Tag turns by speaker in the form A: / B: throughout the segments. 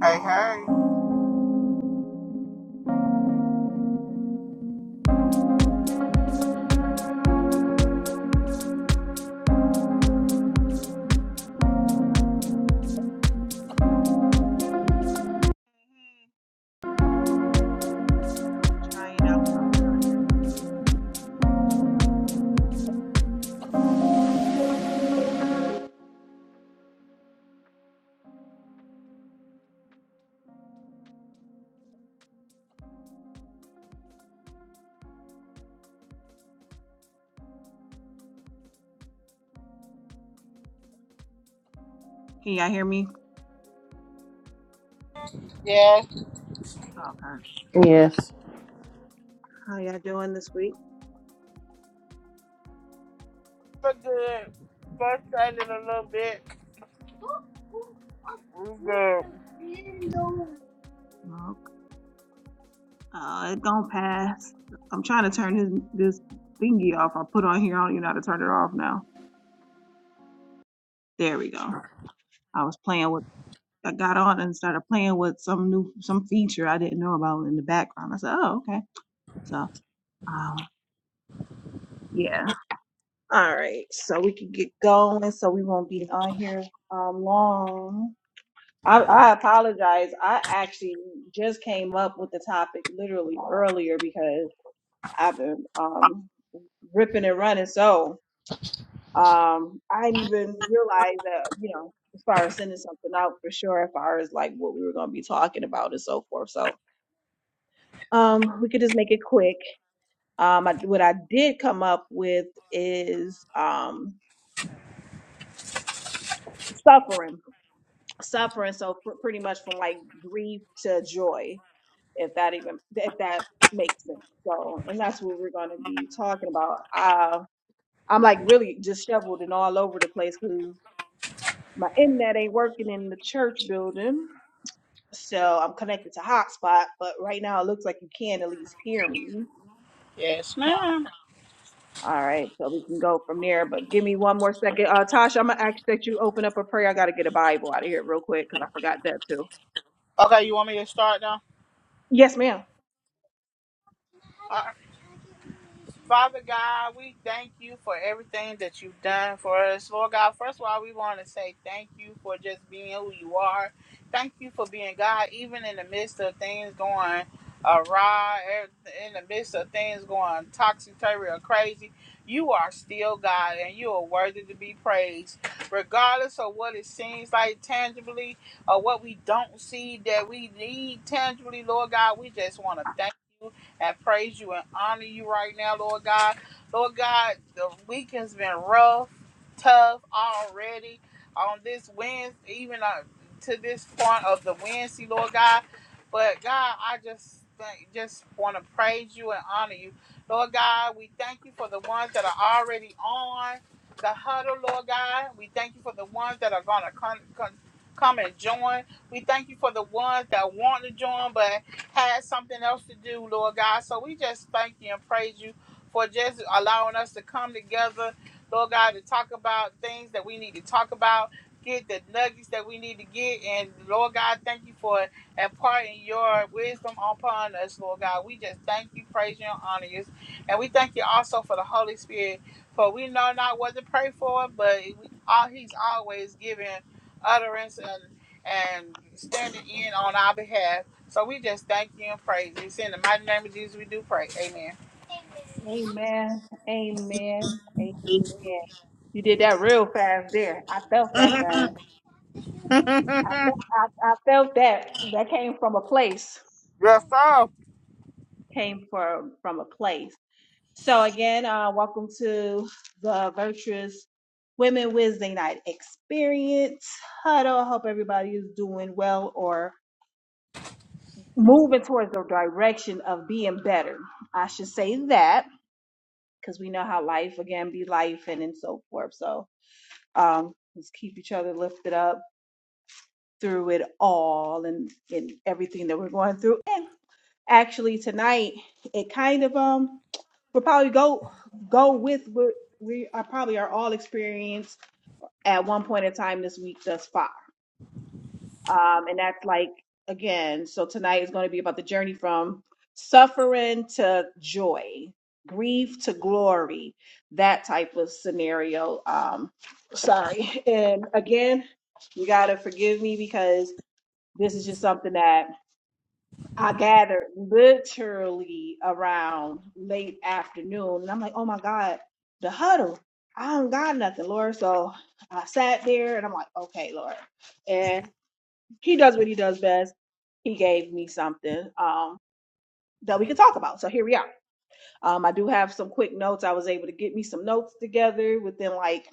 A: Hey, hey.
B: Trying out. Can y'all hear me?
A: Yes,
B: Okay.
C: Yes.
B: How y'all doing this week?
A: we're good. Frustrated a little bit. We're good.
B: Well, Uh, it don't pass. I'm trying to turn his, this thingy off. I put on here. I don't even know how to turn it off now. There we go. I was playing with. I got on and started playing with some new some feature I didn't know about in the background. I said, oh okay. So um yeah. All right. So we can get going. So we won't be on here um long. I, I apologize. I actually just came up with the topic literally earlier because I've been um, ripping and running. So um, I didn't even realize that, you know, as far as sending something out for sure, as far as like what we were going to be talking about and so forth. So um, we could just make it quick. Um, I, what I did come up with is um, suffering, suffering. So pr- pretty much from like grief to joy if that even if that makes sense. So, and that's what we're going to be talking about. Uh, I'm like really disheveled and all over the place because my internet ain't working in the church building, so I'm connected to hotspot. But right now, it looks like you can at least hear me.
A: Yes.
B: All right, so we can go from there. But give me one more second, uh, Tasha. I'm gonna ask that you open up a prayer. I got to get a Bible out of here real quick because I forgot that too.
A: Okay, you want me to start now?
B: Yes, ma'am.
A: Uh, Father God, we thank you for everything that you've done for us. Lord God, first of all, we want to say thank you for just being who you are. Thank you for being God, even in the midst of things going awry, er- in the midst of things going toxic, turvy, or crazy. You are still God, and you are worthy to be praised. Regardless of what it seems like tangibly or what we don't see that we need tangibly, Lord God, we just want to thank you. I praise you and honor you right now, Lord God. Lord God, the week has been rough, tough already. On this Wednesday, even uh, to this point of the Wednesday, Lord God. But God, I just thank, just want to praise you and honor you, Lord God. We thank you for the ones that are already on the huddle, Lord God. We thank you for the ones that are gonna come come, come and join. We thank you for the ones that want to join, but had something else to do, Lord God. So we just thank you and praise you for just allowing us to come together, Lord God, to talk about things that we need to talk about, get the nuggets that we need to get. And Lord God, thank you for imparting your wisdom upon us, Lord God. We just thank you, praise you, and honor you. And we thank you also for the Holy Spirit. For we know not what to pray for, but we, all, he's always giving utterance and and standing in on our behalf. So we just thank you and praise you. It's in the mighty name of Jesus we do pray.
B: Amen. Amen. Amen. You did that real fast there. I felt that
A: Amen.
B: thing. I felt, I, I felt that. That came from a place.
A: Yes, sir.
B: Came from from a place. So again, uh, welcome to the Virtuous Women Wednesday Night Experience Huddle. I hope everybody is doing well or moving towards the direction of being better. I should say that because we know how life again be life and, and so forth. So um, let's keep each other lifted up through it all and in everything that we're going through. And actually tonight, it kind of um we'll probably go go with what we are probably are all experienced at one point in time this week thus far. Um, and that's like, again, so tonight is going to be about the journey from suffering to joy, grief to glory, that type of scenario. Um, sorry. And again, you got to forgive me because this is just something that I gathered literally around late afternoon. And I'm like, oh my God, the huddle. I don't got nothing, Lord. So I sat there and I'm like, okay, Lord. and he does what he does best. He gave me something um, that we could talk about. So here we are. Um, I do have some quick notes. I was able to get me some notes together within like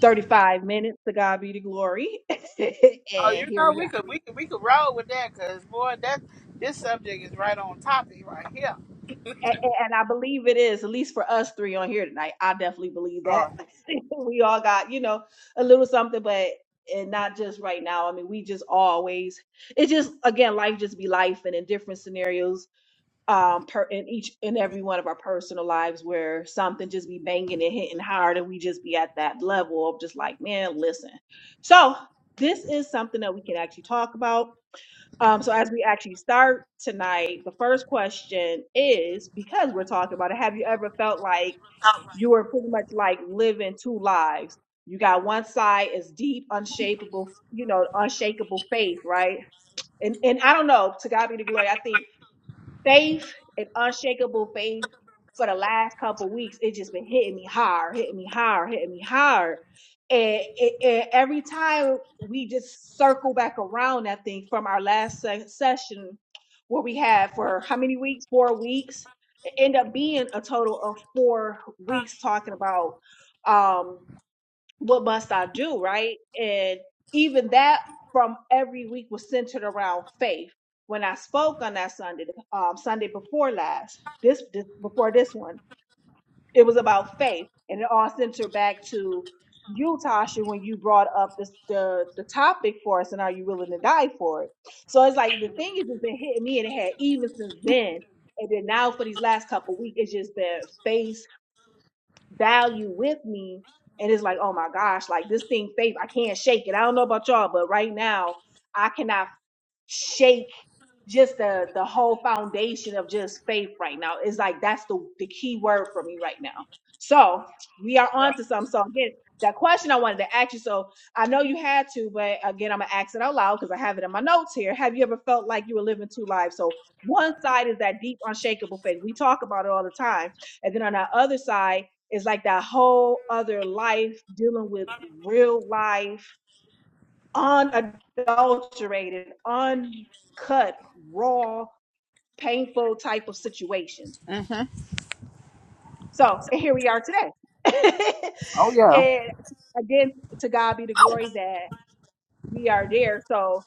B: 35 minutes. To God be the glory.
A: Oh,
B: and
A: you
B: here
A: know
B: we
A: we
B: are.
A: could we could we could roll with that because boy, that this subject is right on topic right here.
B: And, and I believe it is, at least for us three on here tonight. I definitely believe
A: Oh,
B: that. we all got, you know, a little something, but. And not just right now. I mean, we just always, it just, again, life just be life and in different scenarios um per in each in every one of our personal lives where something just be banging and hitting hard and we just be at that level of just like man listen so this is something that we can actually talk about um so as we actually start tonight the first question is because we're talking about it have you ever felt like you were pretty much like living two lives you got one side is deep unshakable you know unshakable faith right and and i don't know to god be the glory i think faith and unshakable faith for the last couple weeks it's just been hitting me hard hitting me hard hitting me hard and, and, and every time we just circle back around i think from our last se- session where we had for how many weeks four weeks it ended up being a total of four weeks talking about um what must I do, right? And even that from every week was centered around faith. When I spoke on that Sunday, um, Sunday before last, this, this before this one, it was about faith, and it all centered back to you, Tasha, when you brought up this, the the topic for us, and are you willing to die for it? So it's like the thing has just been hitting me, and it had even since then, and then now for these last couple of weeks, it's just been faith value with me and it's like oh my gosh like this thing faith i can't shake it i don't know about y'all but right now i cannot shake just the the whole foundation of just faith right now is like that's the the key word for me right now. So we are on to something. So again, that question I wanted to ask you. So I know you had to, but again, I'm gonna ask it out loud because I have it in my notes here. Have you ever felt like you were living two lives? So one side is that deep, unshakable faith. We talk about it all the time, and then on the other side is like that whole other life dealing with real life, unadulterated, uncut, raw painful type of situation.
A: yeah. hmm
B: So and here we are today.
A: Oh yeah.
B: and again, to God be the glory that we are there. So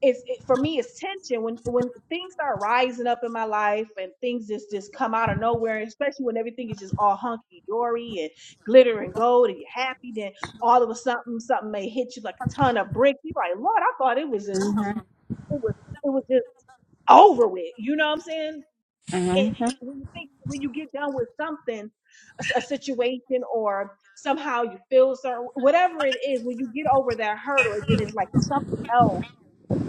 B: it's it, for me, it's tension when when things start rising up in my life and things just just come out of nowhere. Especially when everything is just all hunky dory and glitter and gold and you're happy. Then all of a sudden, something may hit you like a ton of bricks. You're like, Lord, I thought it was just it was it was just over with. You know what I'm saying? it, when you think when you get done with something, a, s- a situation, or somehow you feel certain, whatever it is, when you get over that hurdle, and then it's like something else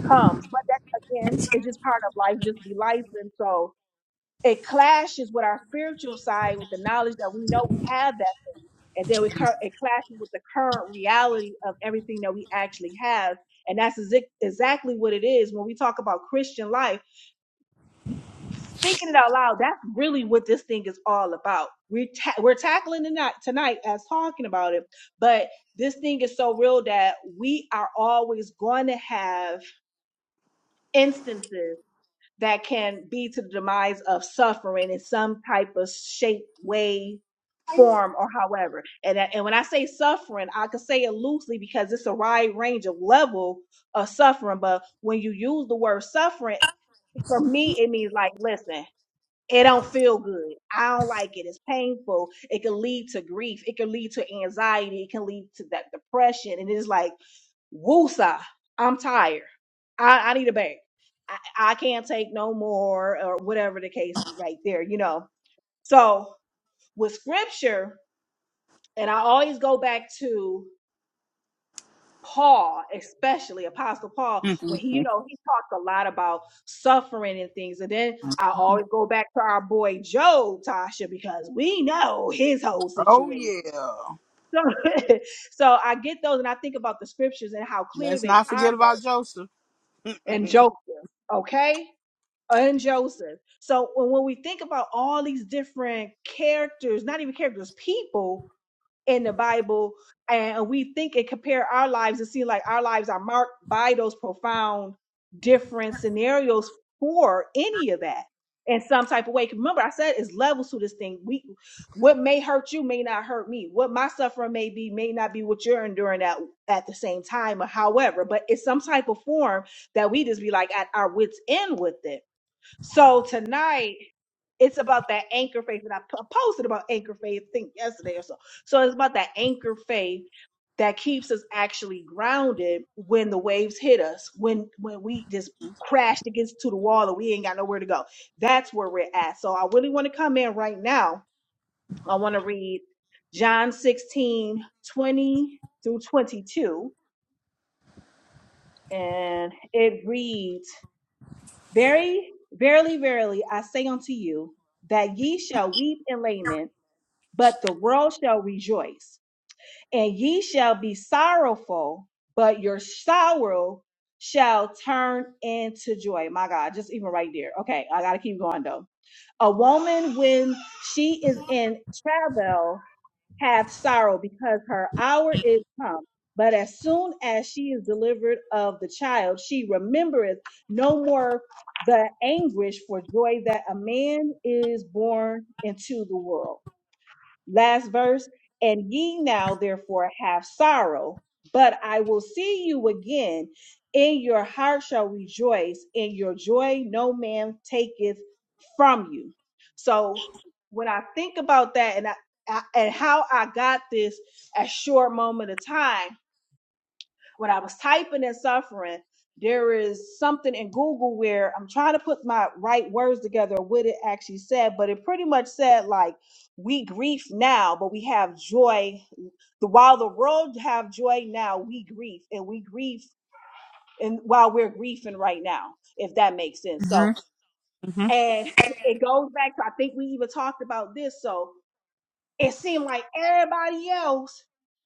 B: comes. But that again, it's just part of life, just be life, and so it clashes with our spiritual side with the knowledge that we know we have that thing, and then we cur- it clashes with the current reality of everything that we actually have, and that's exa- exactly what it is when we talk about Christian life speaking it out loud, that's really what this thing is all about. We're ta- we're tackling it not tonight as talking about it, but this thing is so real that we are always going to have instances that can be to the demise of suffering in some type of shape, way, form, or however. And that- and when I say suffering, I could say it loosely because it's a wide range of level of suffering. But when you use the word suffering, for me, it means like, listen. It don't feel good. I don't like it. It's painful. It can lead to grief. It can lead to anxiety. It can lead to that depression. And it's like, woosa, I'm tired. I, I need a break. I, I can't take no more, or whatever the case right there, you know. So with scripture, and I always go back to Paul, especially Apostle Paul, when he, you know, he talked a lot about suffering and things. And then I always go back to our boy Job, Tasha, because we know his whole
A: Oh
B: situation.
A: yeah.
B: So, so I get those and I think about the scriptures and how clear
A: Let's
B: they
A: not
B: are
A: forget
B: that
A: about Joseph.
B: and Joseph, okay? And Joseph. So when when we think about all these different characters, not even characters, people in the Bible, and we think and compare our lives and see like our lives are marked by those profound different scenarios for any of that in some type of way. 'Cause Remember, I said it's levels to this thing. We what may hurt you may not hurt me. What my suffering may be may not be what you're enduring at at the same time or however, but it's some type of form that we just be like at our wits end with it so tonight, it's about that anchor faith. And I po- posted about anchor faith, I think yesterday or so. So it's about that anchor faith that keeps us actually grounded when the waves hit us, when when we just crashed against to the wall and we ain't got nowhere to go. That's where we're at. So I really want to come in right now. I want to read John 16 20 through 22. And it reads, Very, verily, verily, I say unto you that ye shall weep and lament, but the world shall rejoice. And ye shall be sorrowful, but your sorrow shall turn into joy. My God, just even right there. Okay, I gotta keep going though. A woman when she is in travail hath sorrow because her hour is come. But as soon as she is delivered of the child, she remembereth no more the anguish for joy that a man is born into the world last verse and ye now therefore have sorrow but i will see you again in your heart shall rejoice in your joy no man taketh from you so when i think about that and I, I and how i got this at short moment of time when I was typing in suffering, there is something in Google where I'm trying to put my right words together what it actually said, but it pretty much said like we grieve now, but we have joy. The while the world have joy now, we grieve and we grieve and while we're grieving right now, if that makes sense. So
A: hmm hmm
B: and it goes back to I think we even talked about this. So it seemed like everybody else,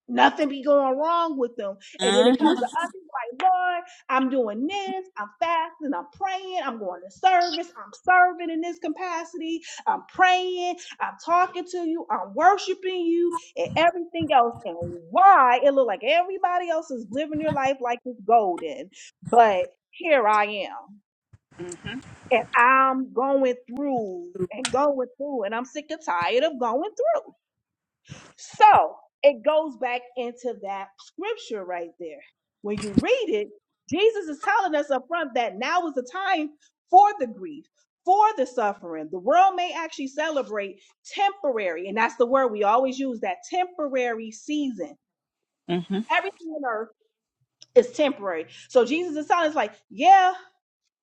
B: nothing be going wrong with them. And then
A: hmm
B: it comes to us, it's like, Lord, I'm doing this, I'm fasting, I'm praying, I'm going to service, I'm serving in this capacity, I'm praying, I'm talking to you, I'm worshiping you, and everything else. And why it looked like everybody else is living their life like it's golden, but here I am.
A: hmm
B: And I'm going through and going through, and I'm sick and tired of going through. So it goes back into that scripture right there. When you read it, Jesus is telling us up front that now is the time for the grief, for the suffering. The world may actually celebrate temporary, and that's the word we always use that temporary season.
A: hmm
B: Everything on earth is temporary. So Jesus is telling us, like, yeah,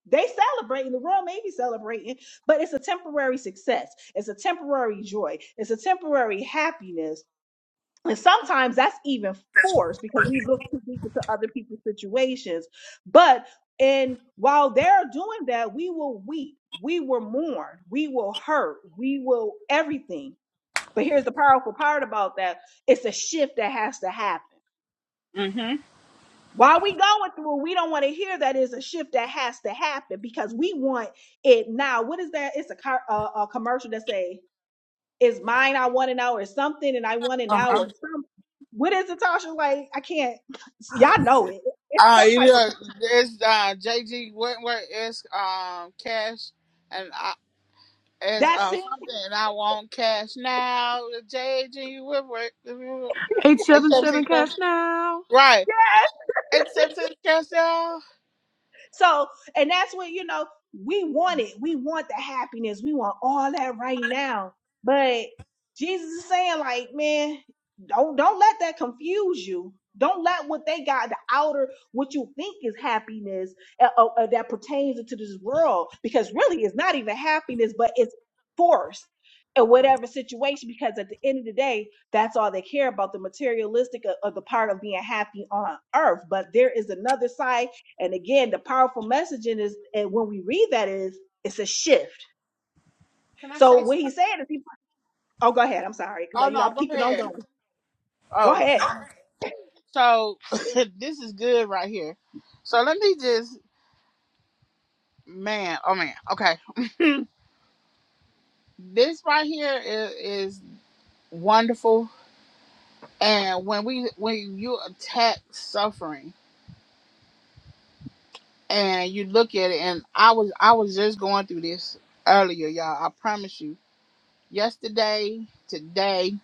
B: they celebrating, the world may be celebrating, but it's a temporary success. It's a temporary joy. It's a temporary happiness and sometimes that's even forced because we look too deep into other people's situations. But and while they're doing that, we will weep, we will mourn, we will hurt, we will everything. But here's the powerful part about that: it's a shift that has to happen.
A: hmm
B: While we going through, we don't want to hear that it's a shift that has to happen because we want it now. What is that? It's a car, uh, a a commercial that say is mine I want an hour something and I want an
A: Uh-huh.
B: hour something. What is it, Tasha? Like, I can't y'all know it. It's
A: Uh,
B: some
A: it
B: type of
A: is, it's uh, JG Wentworth, it's um, Cash, and It's
B: that's
A: uh,
B: it.
A: something I want cash now. The JG Woodward. Except
C: 877 Cash
A: it's
C: Now.
A: right. Except it's cash now.
B: so, and that's what, you know, we want it. We want the happiness. We want all that right now. But Jesus is saying, like, man, don't don't let that confuse you. Don't let what they got, the outer, what you think is happiness uh, uh, uh, that pertains into this world, because really it's not even happiness, but it's forced in whatever situation. Because at the end of the day, that's all they care about the materialistic of, of the part of being happy on earth. But there is another side and again, the powerful messaging is, and when we read that is, it's a shift.
A: Can I
B: So
A: say
B: what
A: something?
B: he's saying is, he, oh, go ahead. I'm sorry, because I,
A: Oh
B: you know,
A: no,
B: I'm
A: go
B: keeping on
A: ahead.
B: going. Go
A: Oh,
B: ahead.
A: so this is good right here. So let me just, man. Oh man. Okay. this right here is, is wonderful. And when we when you attack suffering and you look at it, and I was I was just going through this earlier, y'all. I promise you yesterday, today.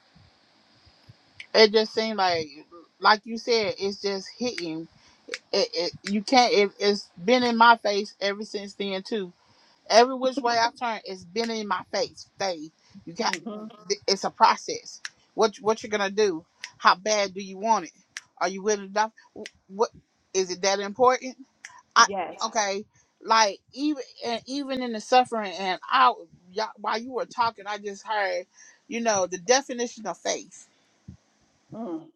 A: It just seemed like, like you said, it's just hitting. It, it you can't. It, it's been in my face ever since then too. Every which way I turn, it's been in my face. Faith, you got.
B: hmm
A: It's a process. What what you're gonna do? How bad do you want it? Are you willing to? die? What is it that important? I
B: Yes.
A: okay, like even and even in the suffering and I y'all, while you were talking, I just heard, you know, the definition of faith.
B: Mm.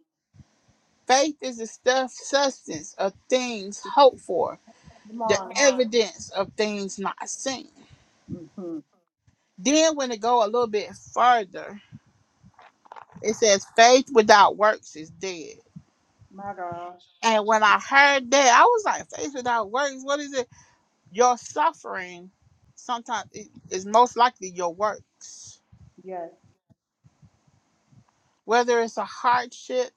A: Faith is the stuff substance of things hoped for,
B: Come
A: the
B: on.
A: evidence of things not seen.
B: hmm
A: Then when it go a little bit further, it says faith without works is dead.
B: My gosh.
A: And when I heard that, I was like, faith without works, what is it? Your suffering sometimes it is most likely your works
B: Yes.
A: whether it's a hardship,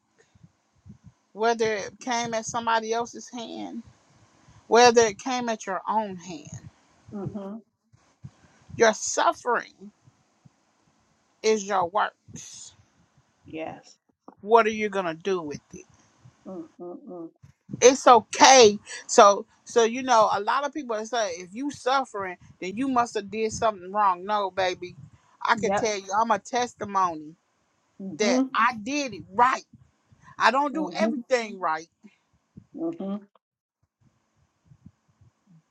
A: whether it came at somebody else's hand, whether it came at your own hand.
B: hmm
A: Your suffering is your works.
B: Yes.
A: What are you gonna do with it?
B: mm mm mm.
A: It's okay. So so you know, a lot of people say if you suffering, then you must have did something wrong. No, baby. I can
B: Yep.
A: tell you I'm a testimony that
B: hmm
A: I did it right. I don't do
B: hmm
A: everything right,
B: hmm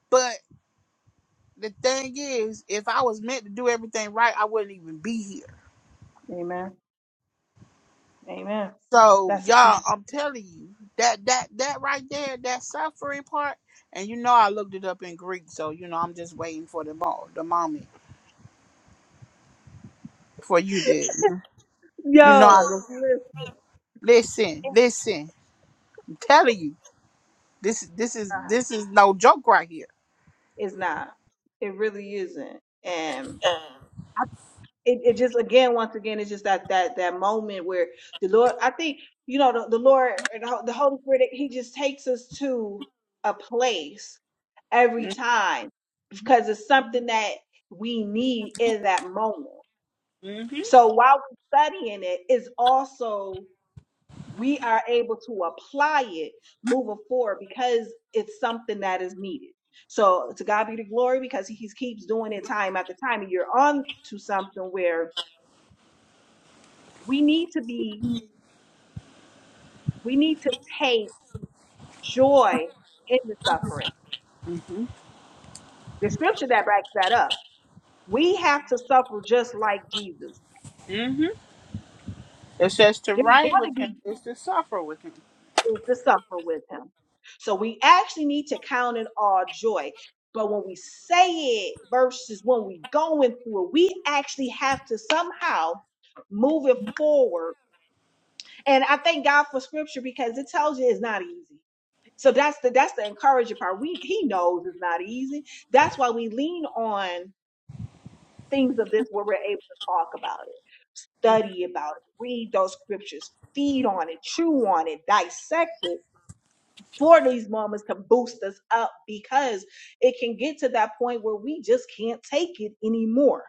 A: but the thing is, if I was meant to do everything right, I wouldn't even be here
B: Amen. Amen.
A: So
B: That's a-
A: y'all, I'm telling you that that that right there, that suffering part, and you know I looked it up in Greek, so you know I'm just waiting for the mo- the moment for you to, you know I
B: yo.
A: just,
B: listen,
A: listen, listen, I'm telling you this this is this is no joke right here.
B: It's not. It really isn't. And it, it just again once again it's just that that that moment where the lord i think you know the, the lord and the Hol- the holy spirit he just takes us to a place every
A: mm
B: time because it's something that we need in that moment
A: Mhm,
B: so while we're studying it is also we are able to apply it moving forward because it's something that is needed so to god be the glory because he keeps doing it time after time and you're on to something where. we need to be we need to take joy in the suffering
A: mhm,
B: the scripture that backs that up we have to suffer just like jesus
A: mhm. It says to
B: there's going
A: reign
B: to
A: with him
B: be
A: is to suffer with him.
B: is to suffer with him so we actually need to count it all joy but when we say it versus when we going through it we actually have to somehow move it forward And I thank God for scripture because it tells you it's not easy. So that's the that's the encouraging part. We he knows it's not easy. That's why we lean on things of this where we're able to talk about it, study about it, read those scriptures, feed on it, chew on it, dissect it. For these moments to boost us up because it can get to that point where we just can't take it anymore.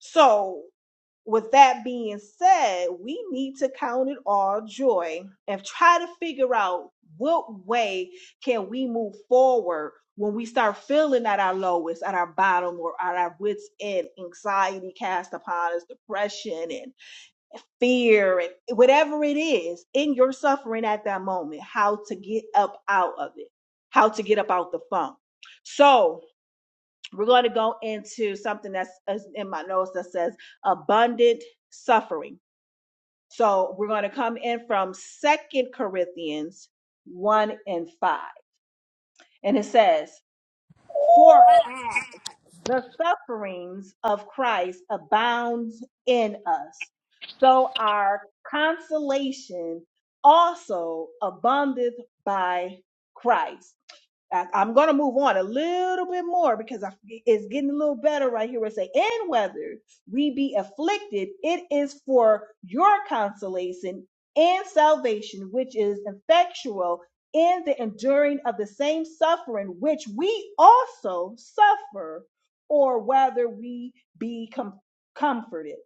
B: So with that being said, we need to count it all joy and try to figure out what way can we move forward when we start feeling at our lowest, at our bottom, or at our wits' end, anxiety cast upon us, depression and fear and whatever it is in your suffering at that moment, how to get up out of it, how to get up out the funk. So we're going to go into something that's in my notes that says abundant suffering. So we're going to come in from Second Corinthians 1 and 5. And it says, For as the sufferings of Christ abounds in us, so our consolation also aboundeth by Christ. I- I'm gonna move on a little bit more because I, it's getting a little better right here. Where it say, and whether we be afflicted, it is for your consolation and salvation, which is effectual in the enduring of the same suffering which we also suffer, or whether we be com- comforted.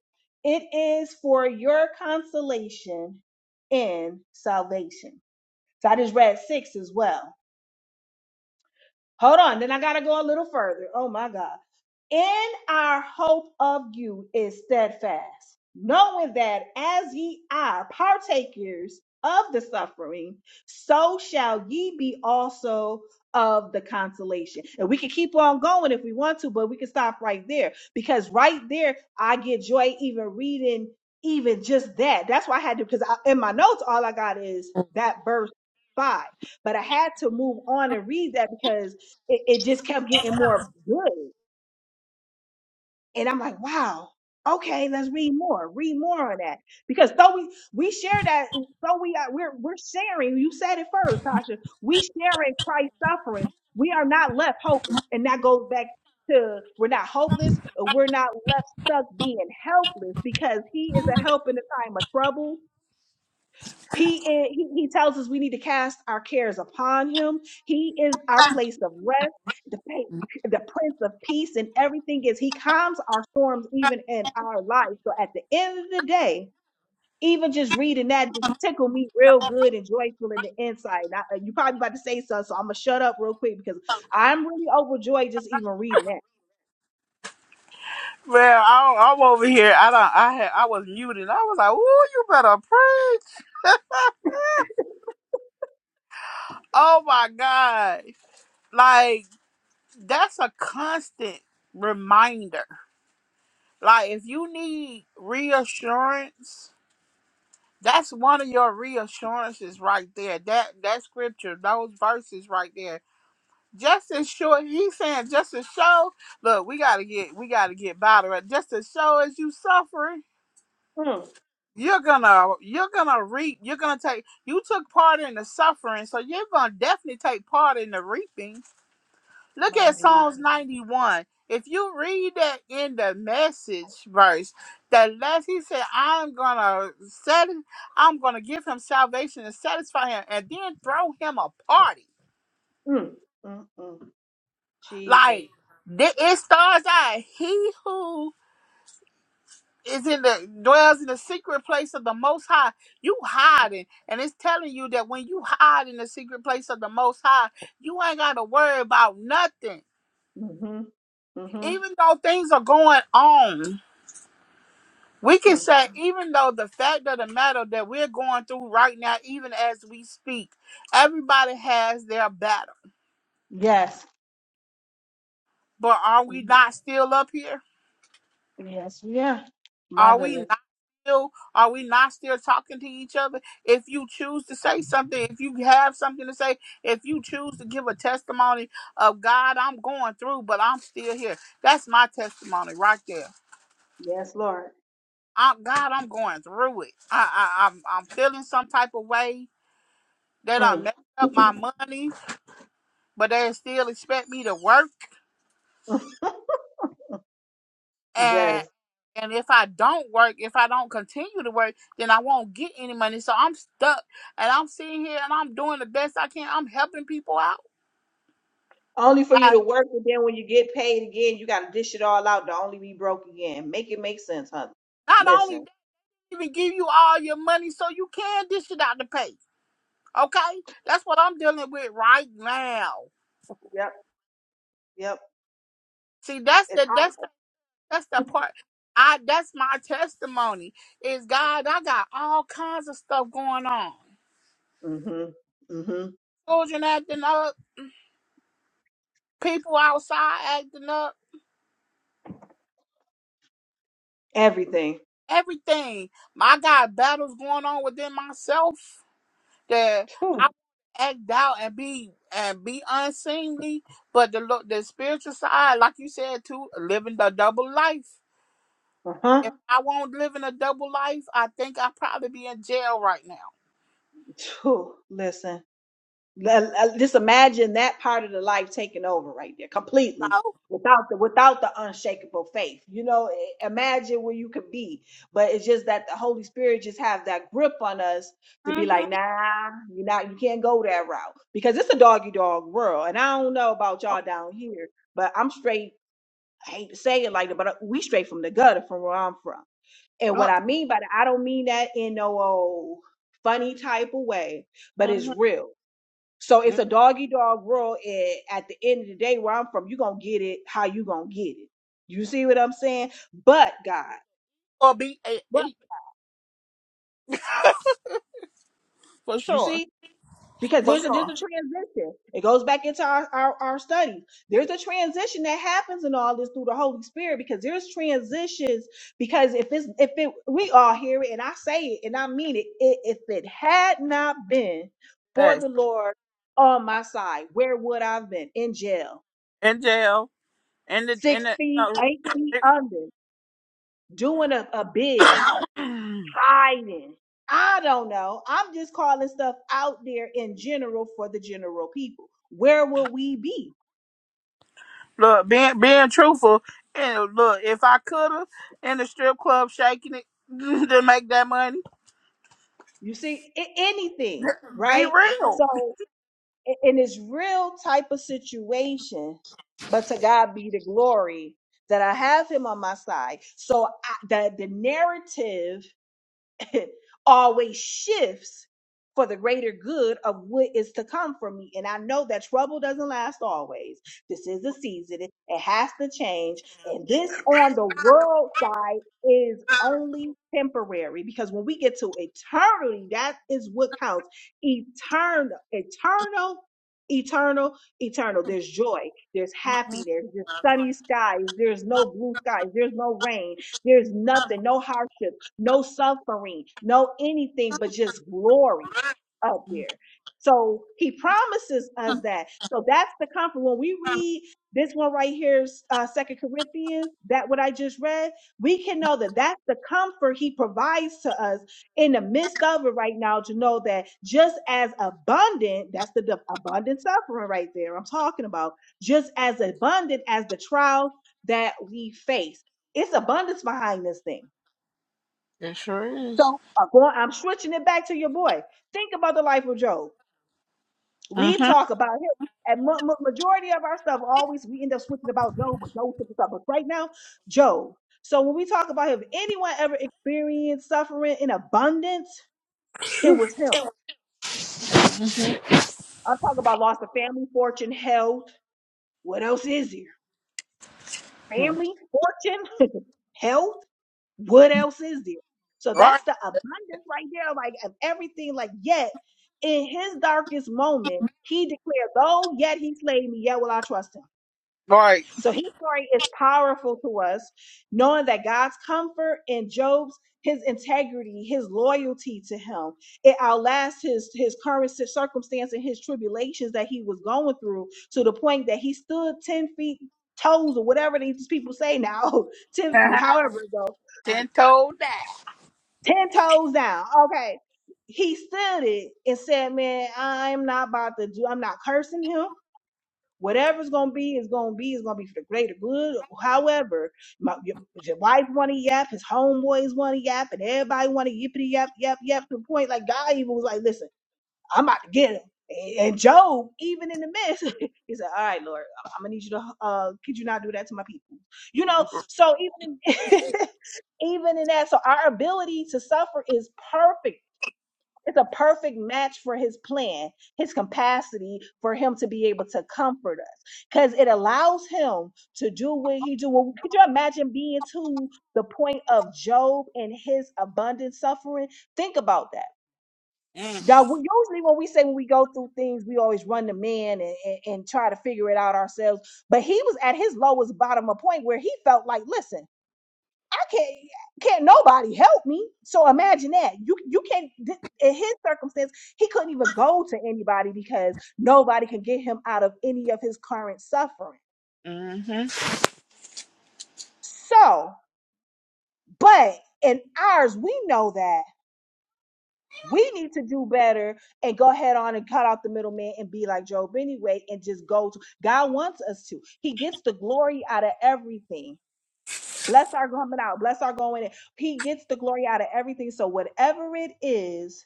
B: It is for your consolation and salvation. So I just read six as well Hold on, then I got to go a little further. Oh my God. In our hope of you is steadfast, knowing that as ye are partakers of the suffering, so shall ye be also of the consolation. And we can keep on going if we want to, but we can stop right there because right there, I get joy even reading even just that. That's why I had to, because I, in my notes, all I got is that verse five, but I had to move on and read that because it, it just kept getting more good. And I'm like, wow, okay, let's read more, read more on that. Because though we, we share that, though we are, we're, we're sharing, you said it first, Tasha, we sharing Christ's suffering. We are not left hopeless. And that goes back to we're not hopeless, or we're not left stuck being helpless because he is a help in the time of trouble. He, is- he he tells us we need to cast our cares upon him. He is our place of rest, the pa- the prince of peace, and everything is he calms our storms even in our life. So at the end of the day, even just reading that just tickled me real good and joyful in the inside. Now, uh, you probably about to say something, so I'm gonna shut up real quick because I'm really overjoyed just even reading that.
A: Well, I, I'm over here. I don't. I had. I was muted. I was like, "Ooh, you better preach!" Oh my god! Like that's a constant reminder. Like if you need reassurance, that's one of your reassurances right there. That that scripture, those verses right there. Just to show, he's saying, just to show, look, we gotta get we gotta get better. Just to show as you suffering,
B: Mm,
A: you're gonna you're gonna reap, you're gonna take you took part in the suffering, so you're gonna definitely take part in the reaping Look
B: my
A: at
B: Jesus,
A: Psalms 91. If you read that in the message verse, that last he said, I'm gonna set I'm gonna give him salvation and satisfy him and then throw him a party.
B: mm, mm, mm, Jesus.
A: Like th- it starts out, he who is in the dwells in the secret place of the most high, you hiding. And it's telling you that when you hide in the secret place of the most high, you ain't gotta worry about nothing.
B: hmm hmm
A: Even though things are going on. We can
B: mm.
A: say, even though the fact of the matter that we're going through right now, even as we speak, everybody has their battle.
B: Yes.
A: But are we not still up here?
B: Yes, we are. My
A: Are we
B: goodness.
A: not still? Are we not still talking to each other? If you choose to say something, if you have something to say, if you choose to give a testimony of God, I'm going through, but I'm still here. That's my testimony right there.
B: Yes, Lord.
A: I'm, God, I'm going through it. I, I, I'm, I'm feeling some type of way that I
B: Mm.
A: messed up my money but they still expect me to work and
B: yes.
A: and if I don't work, if I don't continue to work, then I won't get any money. So I'm stuck and I'm sitting here and I'm doing the best I can. I'm helping people out.
B: Only for you to
A: I
B: work, and then when you get paid again, you got to dish it all out to only be broke again. Make it make sense, honey.
A: not only
B: Listen.
A: even give you all your money so you can dish it out to pay. Okay? That's what I'm dealing with right now.
B: Yep. Yep.
A: See, that's
B: It's
A: the that's the
B: hard.
A: that's the part. I that's my testimony. Is God, I got all kinds of stuff going on.
B: Mm-hmm. Mm-hmm.
A: Children acting up. people outside acting up,
B: Everything.
A: everything. I got battles going on within myself that I
B: Uh
A: act out and be and be unseemly, but the lo- the spiritual side, like you said, too, living the double life.
B: huh.
A: If I won't live in a double life, I think I'd probably be in jail right now.
B: Listen. Just imagine that part of the life taking over right there completely
A: So,
B: without the without the unshakable faith. You know, imagine where you could be. But it's just that the Holy Spirit just have that grip on us to be
A: mm-hmm.
B: like, nah, you're not you can't go that route. Because it's a doggy dog world. And I don't know about y'all down here, but I'm straight, I hate to say it like that, but uh, we straight from the gutter from where I'm from. And what
A: Uh,
B: I mean by that, I don't mean that in no old funny type of way, but it's
A: mm-hmm.
B: real so it's a doggy dog world. And at the end of the day, where I'm from, you're going to get it how you going to get it. You see what I'm saying? But God,
A: or be eight,
B: but
A: eight for
B: you
A: sure,
B: see, because
A: for
B: there's a, there's a
A: sure.
B: transition. It goes back into our, our, our study. There's a transition that happens in all this through the Holy Spirit because there's transitions. Because if it's, if it, we all hear it and I say it and I mean it, it if it had not been for
A: Yes,
B: the Lord on my side, where would I have been? In jail
A: in jail, in the
B: six
A: in
B: feet, eight feet
A: the.
B: under, doing a, a bid,
A: No.
B: hiding. I don't know. I'm just calling stuff out there in general for the general people. Where will we be?
A: Look, being being truthful, and look, if I coulda in the strip club shaking it to make that money,
B: You see, a- anything,
A: be
B: right? So,
A: real.
B: i- in this real type of situation, but to God be the glory that I have Him on my side. So, I, the the narrative always shifts for the greater good of what is to come for me. And I know that trouble doesn't last always. This is a season, it, it has to change. And this on the world side is only temporary because when we get to eternity, that is what counts. Eternal, eternal. Eternal, eternal. There's joy. There's happy. There's just sunny skies. There's no blue skies. There's no rain. There's nothing, no hardship no suffering, no anything but just glory up there. So he promises us that. So that's the comfort. When we read this one right here, uh, Second Corinthians, that what I just read, we can know that that's the comfort he provides to us in the midst of it right now to know that just as abundant, that's the def- abundant suffering right there I'm talking about, just as abundant as the trial that we face. It's abundance behind this thing
A: It sure is.
B: so uh, going, I'm switching it back to your boy. Think about the life of Job. We
A: hmm
B: talk about him, and ma- ma- majority of our stuff always we end up switching about Job, but Job took us up. But right now, Job. So when we talk about him, if anyone ever experienced suffering in abundance, it was him. I'm talking about loss of family, fortune, health. What else is here? Family, fortune, health. What else is there? So
A: Right,
B: that's the abundance right there, like of everything. Like, yet in his darkest moment, he declared, Though yet he slayed me, yet will I trust him.
A: right.
B: So his story is powerful to us, knowing that God's comfort and Job's his integrity, his loyalty to him, it outlasts his his current cir- circumstance and his tribulations that he was going through to the point that he stood ten feet toes or whatever these people say now, ten however it goes
A: Ten told that.
B: ten toes down. Okay. He stood it and said, Man, I'm not about to do, I'm not cursing him. Whatever's gonna be is gonna be, is gonna be for the greater good. However, my your, your wife wanna yap, his homeboys wanna yap, and everybody wanna yippity yap, yap, yap to the point like God even was like, Listen, I'm about to get him. And and Job, even in the midst, he said, All right, Lord, I'm gonna need you to uh could you not do that to my people? You know, so even in even in that. So our ability to suffer is perfect. It's a perfect match for his plan, his capacity for him to be able to comfort us. Because it allows him to do what he do. Well, could you imagine being to the point of Job and his abundant suffering? Think about that. Now, we, usually when we say when we go through things, we always run to man and, and, and try to figure it out ourselves. But he was at his lowest bottom, a point where he felt like, listen can't can't nobody help me. So imagine that. You you can't th- in his circumstance, he couldn't even go to anybody because nobody could get him out of any of his current suffering.
A: Mm-hmm.
B: So, but in ours, we know that we need to do better and go ahead on and cut out the middleman and be like Job anyway and just go to God wants us to. He gets the glory out of everything. Bless our coming out, bless our going in. He gets the glory out of everything. So whatever it is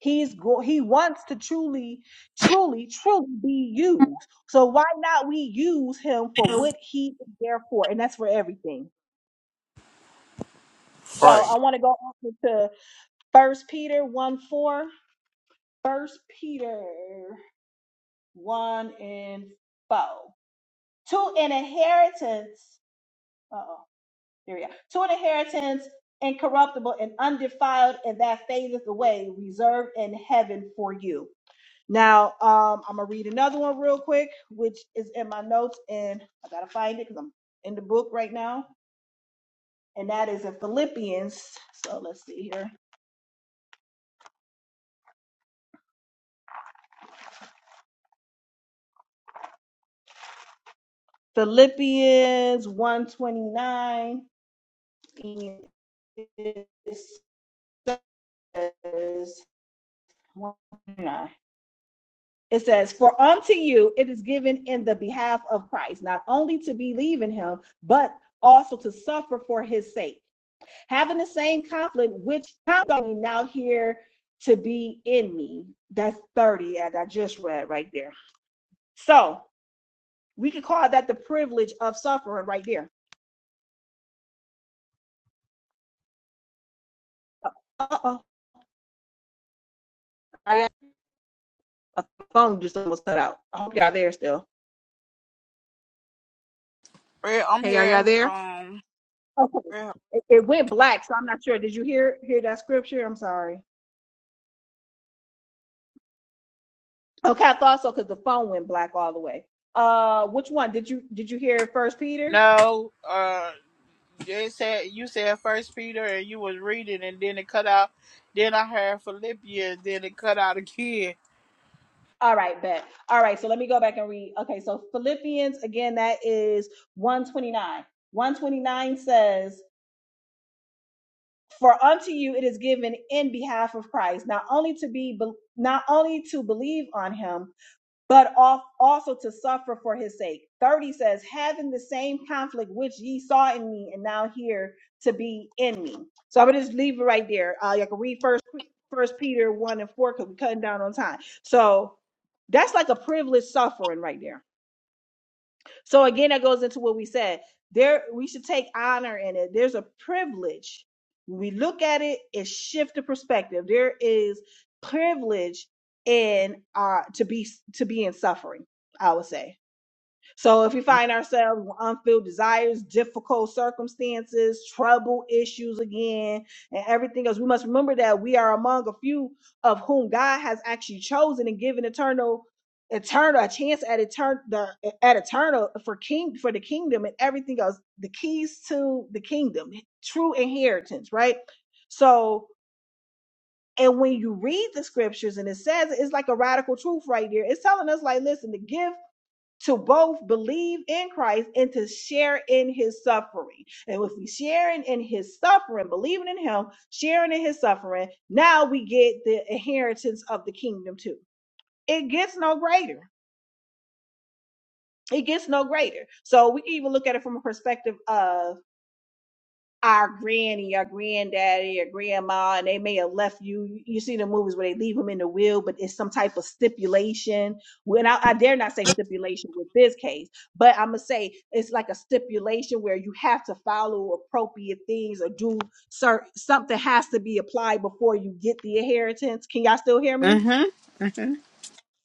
B: He's go- he wants to truly, truly, truly be used. So why not we use him for what he is there for? And that's for everything. So
A: Right.
B: I want to go on to First Peter 1 4. First Peter 1 and 4. To an inheritance. Uh oh, there we go. To an inheritance incorruptible and undefiled, and that fadeth away, reserved in heaven for you. Now, um, I'm gonna read another one real quick, which is in my notes, and I gotta find it because I'm in the book right now, and that is in Philippians. So let's see here, Philippians 129. It says 129. It says, For unto you it is given in the behalf of Christ, not only to believe in him, but also to suffer for his sake having the same conflict, which I'm going now here to be in me. That's 30, as I just read right there. So we could call that the privilege of suffering right there. Uh oh, I got a phone just almost cut out. I hope y'all there still.
A: Well, I'm
B: Hey, are y'all
A: here.
B: there?
A: Um,
B: Okay.
A: well,
B: It, it went black, so I'm not sure. Did you hear hear that scripture? I'm sorry. Okay, I thought so because the phone went black all the way. Uh, which one did you did you hear? First Peter.
A: no. Uh, they said you said First Peter, and you was reading, and then it cut out. Then I heard Philippians, then it cut out again.
B: All right, bet. All right, so let me go back and read. Okay, so Philippians, again, that is 129. 129 says, For unto you it is given in behalf of Christ, not only to be, not only to believe on him, but off also to suffer for his sake. 30 says, having the same conflict which ye saw in me and now here to be in me. So I'm gonna just leave it right there. Uh, you can read first first Peter one and four because we're cutting down on time. So that's like a privileged suffering right there. So again, that goes into what we said. There, we should take honor in it. There's a privilege. When we look at it, it shifts the perspective. There is privilege in uh to be to be in suffering, I would say. So if we find ourselves with unfilled desires, difficult circumstances, trouble issues again, and everything else, we must remember that we are among a few of whom God has actually chosen and given eternal eternal a chance at eternal at eternal for king for the kingdom and everything else the keys to the kingdom true inheritance right so and when you read the scriptures and it says it's like a radical truth right there it's telling us like listen the gift to both believe in Christ and to share in his suffering. And if we sharing in his suffering, believing in him, sharing in his suffering, now we get the inheritance of the kingdom too. It gets no greater. It gets no greater. So we can even look at it from a perspective of our granny, our granddaddy, our grandma, and they may have left you. You see the movies where they leave them in the will, but it's some type of stipulation. When I, I dare not say stipulation with this case, but I'm gonna say it's like a stipulation where you have to follow appropriate things or do certain something has to be applied before you get the inheritance. Can y'all still hear me?
A: Mm-hmm. Mm-hmm.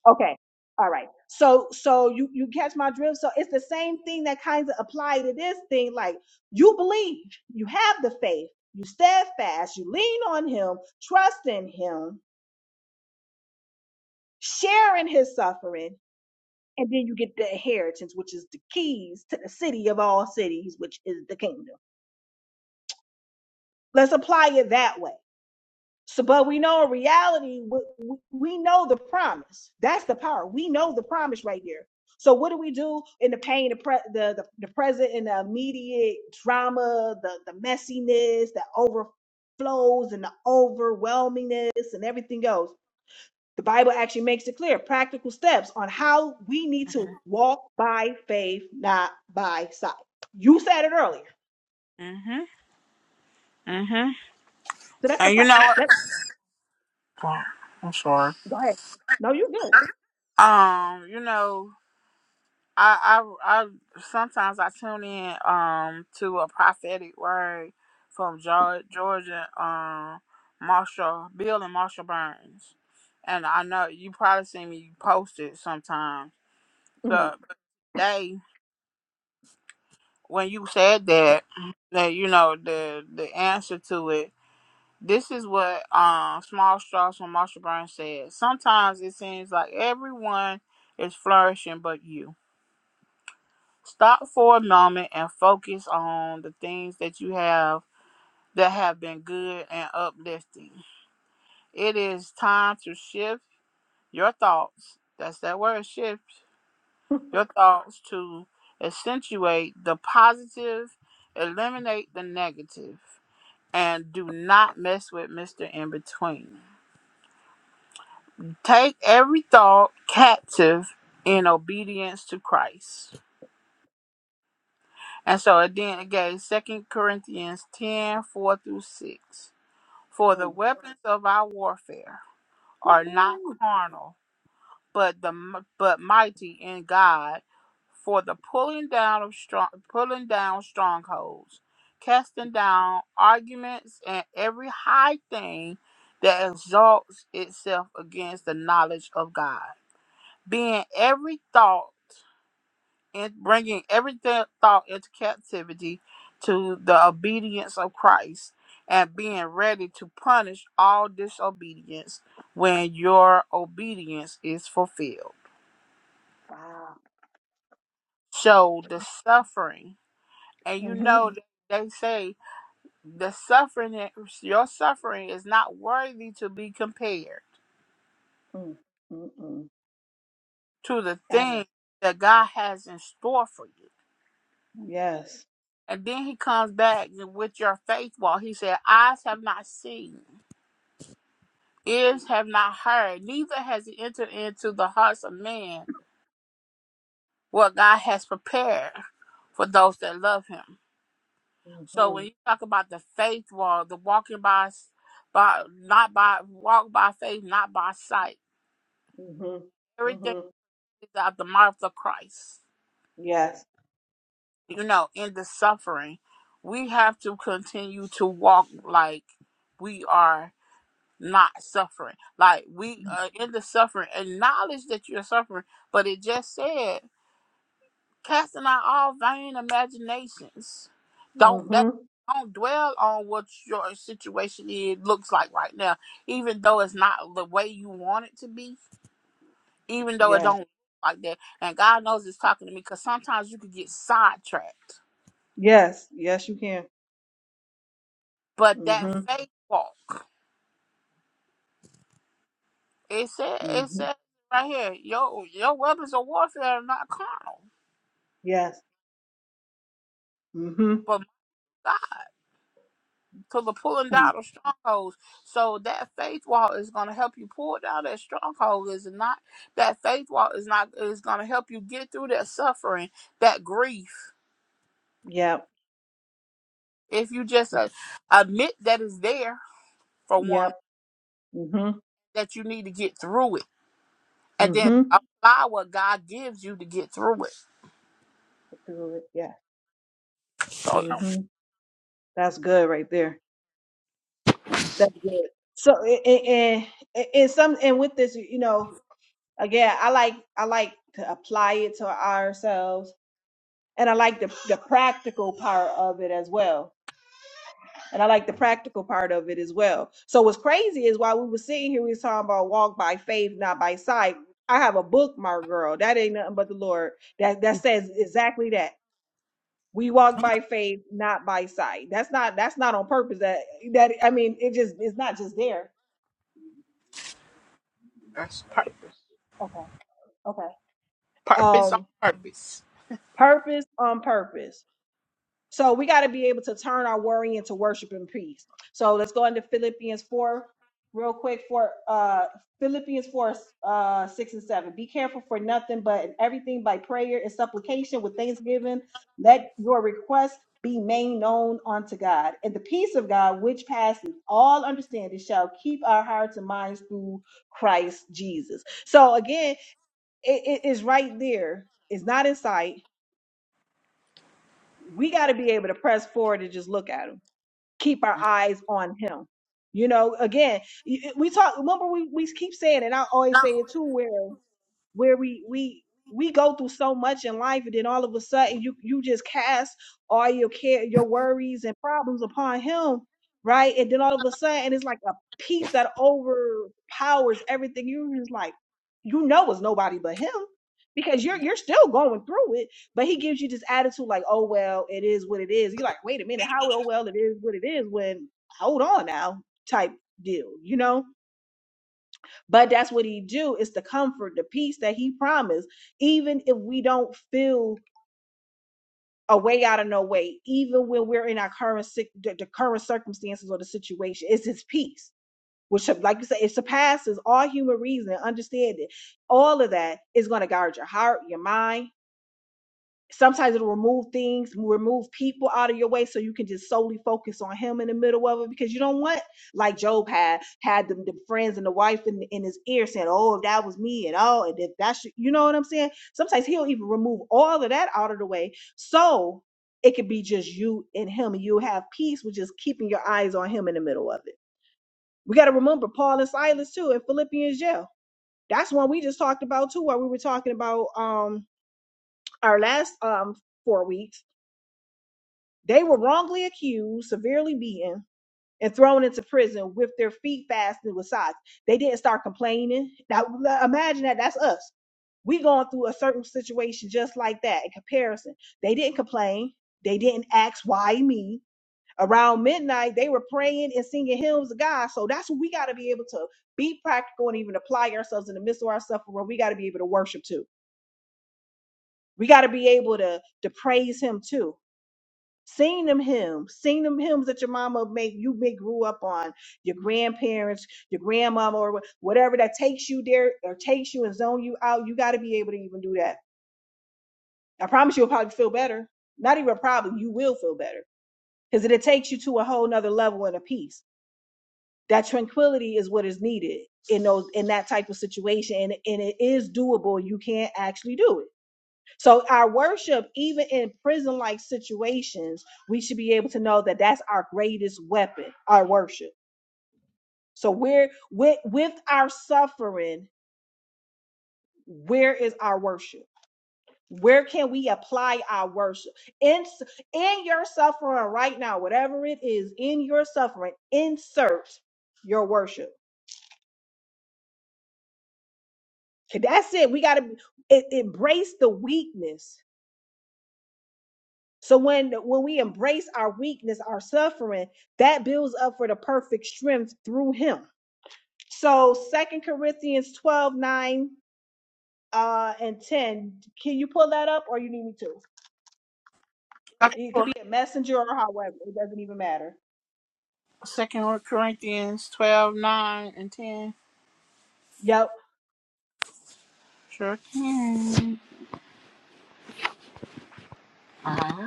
B: Okay. All right. So so you you catch my drift. So it's the same thing that kind of apply to this thing. Like you believe, you have the faith, you steadfast, you lean on him, trust in him, share in his suffering, and then you get the inheritance, which is the keys to the city of all cities, which is the kingdom. Let's apply it that way. So, but we know in reality, we, we know the promise. That's the power. We know the promise right here. So, what do we do in the pain, the pre, the, the, the present, and the immediate drama, the the messiness, the overflows, and the overwhelmingness, and everything else? The Bible actually makes it clear, practical steps on how we need to walk by faith, not by sight. You said it earlier,
A: Mm-hmm.
B: so that's the
A: And you
B: pra-
A: know what?
B: let.
A: Well, I'm sorry.
B: Go ahead. No, you're good.
A: Um, you know, I, I, I sometimes I tune in um to a prophetic word from George, Georgia, um, Marshall, Bill and Marshall Burns, and I know you probably see me post it sometimes.
B: Mm.
A: So today, when you said that, that you know the the answer to it This is what um, Small Straws from Marsha Burns said. Sometimes it seems like everyone is flourishing but you. Stop for a moment and focus on the things that you have that have been good and uplifting. It is time to shift your thoughts. That's that word, shift your thoughts to accentuate the positive, eliminate the negative, and do not mess with Mr. In Between. Take every thought captive in obedience to Christ. And so it then it gave 2 Corinthians 10 4 through 6. For the
B: Mm.
A: weapons of our warfare are not
B: Woohoo.
A: carnal, but the but mighty in God for the pulling down of strong pulling down strongholds, casting down arguments and every high thing that exalts itself against the knowledge of God being every thought and bringing every th- thought into captivity to the obedience of Christ and being ready to punish all disobedience when your obedience is fulfilled.
B: Wow.
A: So the suffering, and you
B: Mm-hmm.
A: know that they say the suffering, your suffering is not worthy to be compared
B: Mm. Mm-mm.
A: to the
B: Adam.
A: thing that God has in store for you.
B: Yes.
A: And then he comes back with your faith wall. He said, Eyes have not seen, ears have not heard, neither has it entered into the hearts of man what God has prepared for those that love him. So
B: Mm-hmm.
A: when you talk about the faith wall, the walking by by not by walk by faith, not by sight.
B: Mm-hmm.
A: Everything
B: Mm-hmm.
A: is out the mouth of Christ.
B: Yes.
A: You know, in the suffering. We have to continue to walk like we are not suffering. Like we are in the suffering. Acknowledge that you're suffering, but it just said casting out all vain imaginations. Don't that
B: Mm-hmm.
A: don't dwell on what your situation is looks like right now, even though it's not the way you want it to be, even though it
B: Yes.
A: don't look like that. And God knows it's talking to me because sometimes you could get sidetracked.
B: Yes. Yes, you can.
A: But that
B: Mm-hmm.
A: faith walk, it said it
B: Mm-hmm.
A: said right here, your your weapons of warfare are not carnal,
B: Yes. Mm-hmm.
A: but to the pulling
B: Mm.
A: down of strongholds. So that faith wall is going to help you pull down that stronghold. Is it not that faith wall is not is going to help you get through that suffering, that grief.
B: Yep.
A: If you just uh, admit that it's there for one,
B: Yep. Mm-hmm.
A: that you need to get through it, and then
B: Mm-hmm.
A: apply what God gives you to get through it.
B: Through it. Yeah.
A: So um,
B: Mm-hmm. That's good right there. That's good. So and, and, and some and with this, you know, again i like i like to apply it to ourselves and i like the, the practical part of it as well and i like the practical part of it as well so what's crazy is while we were sitting here we was talking about walk by faith not by sight i have a bookmark girl that ain't nothing but the lord that that says exactly that we walk by faith not by sight that's not that's not on purpose that that i mean it just it's not just there
A: that's purpose,
B: okay okay
A: purpose on
B: um
A: purpose.
B: purpose on purpose So we got to be able to turn our worry into worship and peace. So let's go into Philippians 4 real quick for uh Philippians 4 uh 6 and 7. Be careful for nothing but in everything by prayer and supplication with thanksgiving. Let your requests be made known unto God. And the peace of God which passes all understanding shall keep our hearts and minds through Christ Jesus. So again, it it is right there. It's not in sight. We got to be able to press forward and just look at them keep our eyes on him. You know, again, y- y- we talk, remember we, we keep saying, and I always say it too, where where we we we go through so much in life and then all of a sudden you you just cast all your care your worries and problems upon him right and then all of a sudden it's like a peace that overpowers everything you're just like you know it's nobody but him because you're you're still going through it but he gives you this attitude like oh well it is what it is you're like wait a minute how oh well it is what it is when hold on now type deal you know but that's what he do is the comfort the peace that he promised even if we don't feel a way out of no way even when we're in our current sick the, the current circumstances or the situation it's his peace which like you say it surpasses all human reason and understanding all of that is going to guard your heart your mind sometimes it'll remove things remove people out of your way so you can just solely focus on him in the middle of it because you don't want like job had had the, the friends and the wife in, in his ear saying oh if that was me and oh and if that's you know what i'm saying sometimes he'll even remove all of that out of the way so it could be just you and him and you'll have peace with just keeping your eyes on him in the middle of it we got to remember paul and silas too in philippians jail that's one we just talked about too while we were talking about um our last um four weeks They were wrongly accused, severely beaten, and thrown into prison with their feet fastened with sods. They didn't start complaining. Now, l- imagine that. That's us. We going through a certain situation just like that in comparison. They didn't complain. They didn't ask, why me? Around midnight, they were praying and singing hymns of God. So that's what we got to be able to be practical and even apply ourselves in the midst of our suffering. We got to be able to worship too. We got to be able to, to praise Him too Sing them hymns. Sing them hymns that your mama make you may grew up on, your grandparents, your grandmama, or wh- whatever that takes you there or takes you and zone you out. You got to be able to even do that. I promise you'll probably feel better. Not even probably, you will feel better because it takes you to a whole nother level and a peace. That tranquility is what is needed in those in that type of situation, and, and it is doable. You can actually do it so our worship, even in prison-like situations, we should be able to know that that's our greatest weapon, our worship. So where with with our suffering, where is our worship? Where can we apply our worship? In in your suffering right now, whatever it is, in your suffering, insert your worship. 'Kay, That's it. We got to embrace the weakness So when when we embrace our weakness, our suffering, that builds up for the perfect strength through him. So Second Corinthians 12 9 uh, and 10. Can you pull that up or you need me to? It could be a messenger or however. It doesn't even matter.
A: Second Corinthians 12 9 and ten.
B: Yep.
A: Sure can. Uh-huh.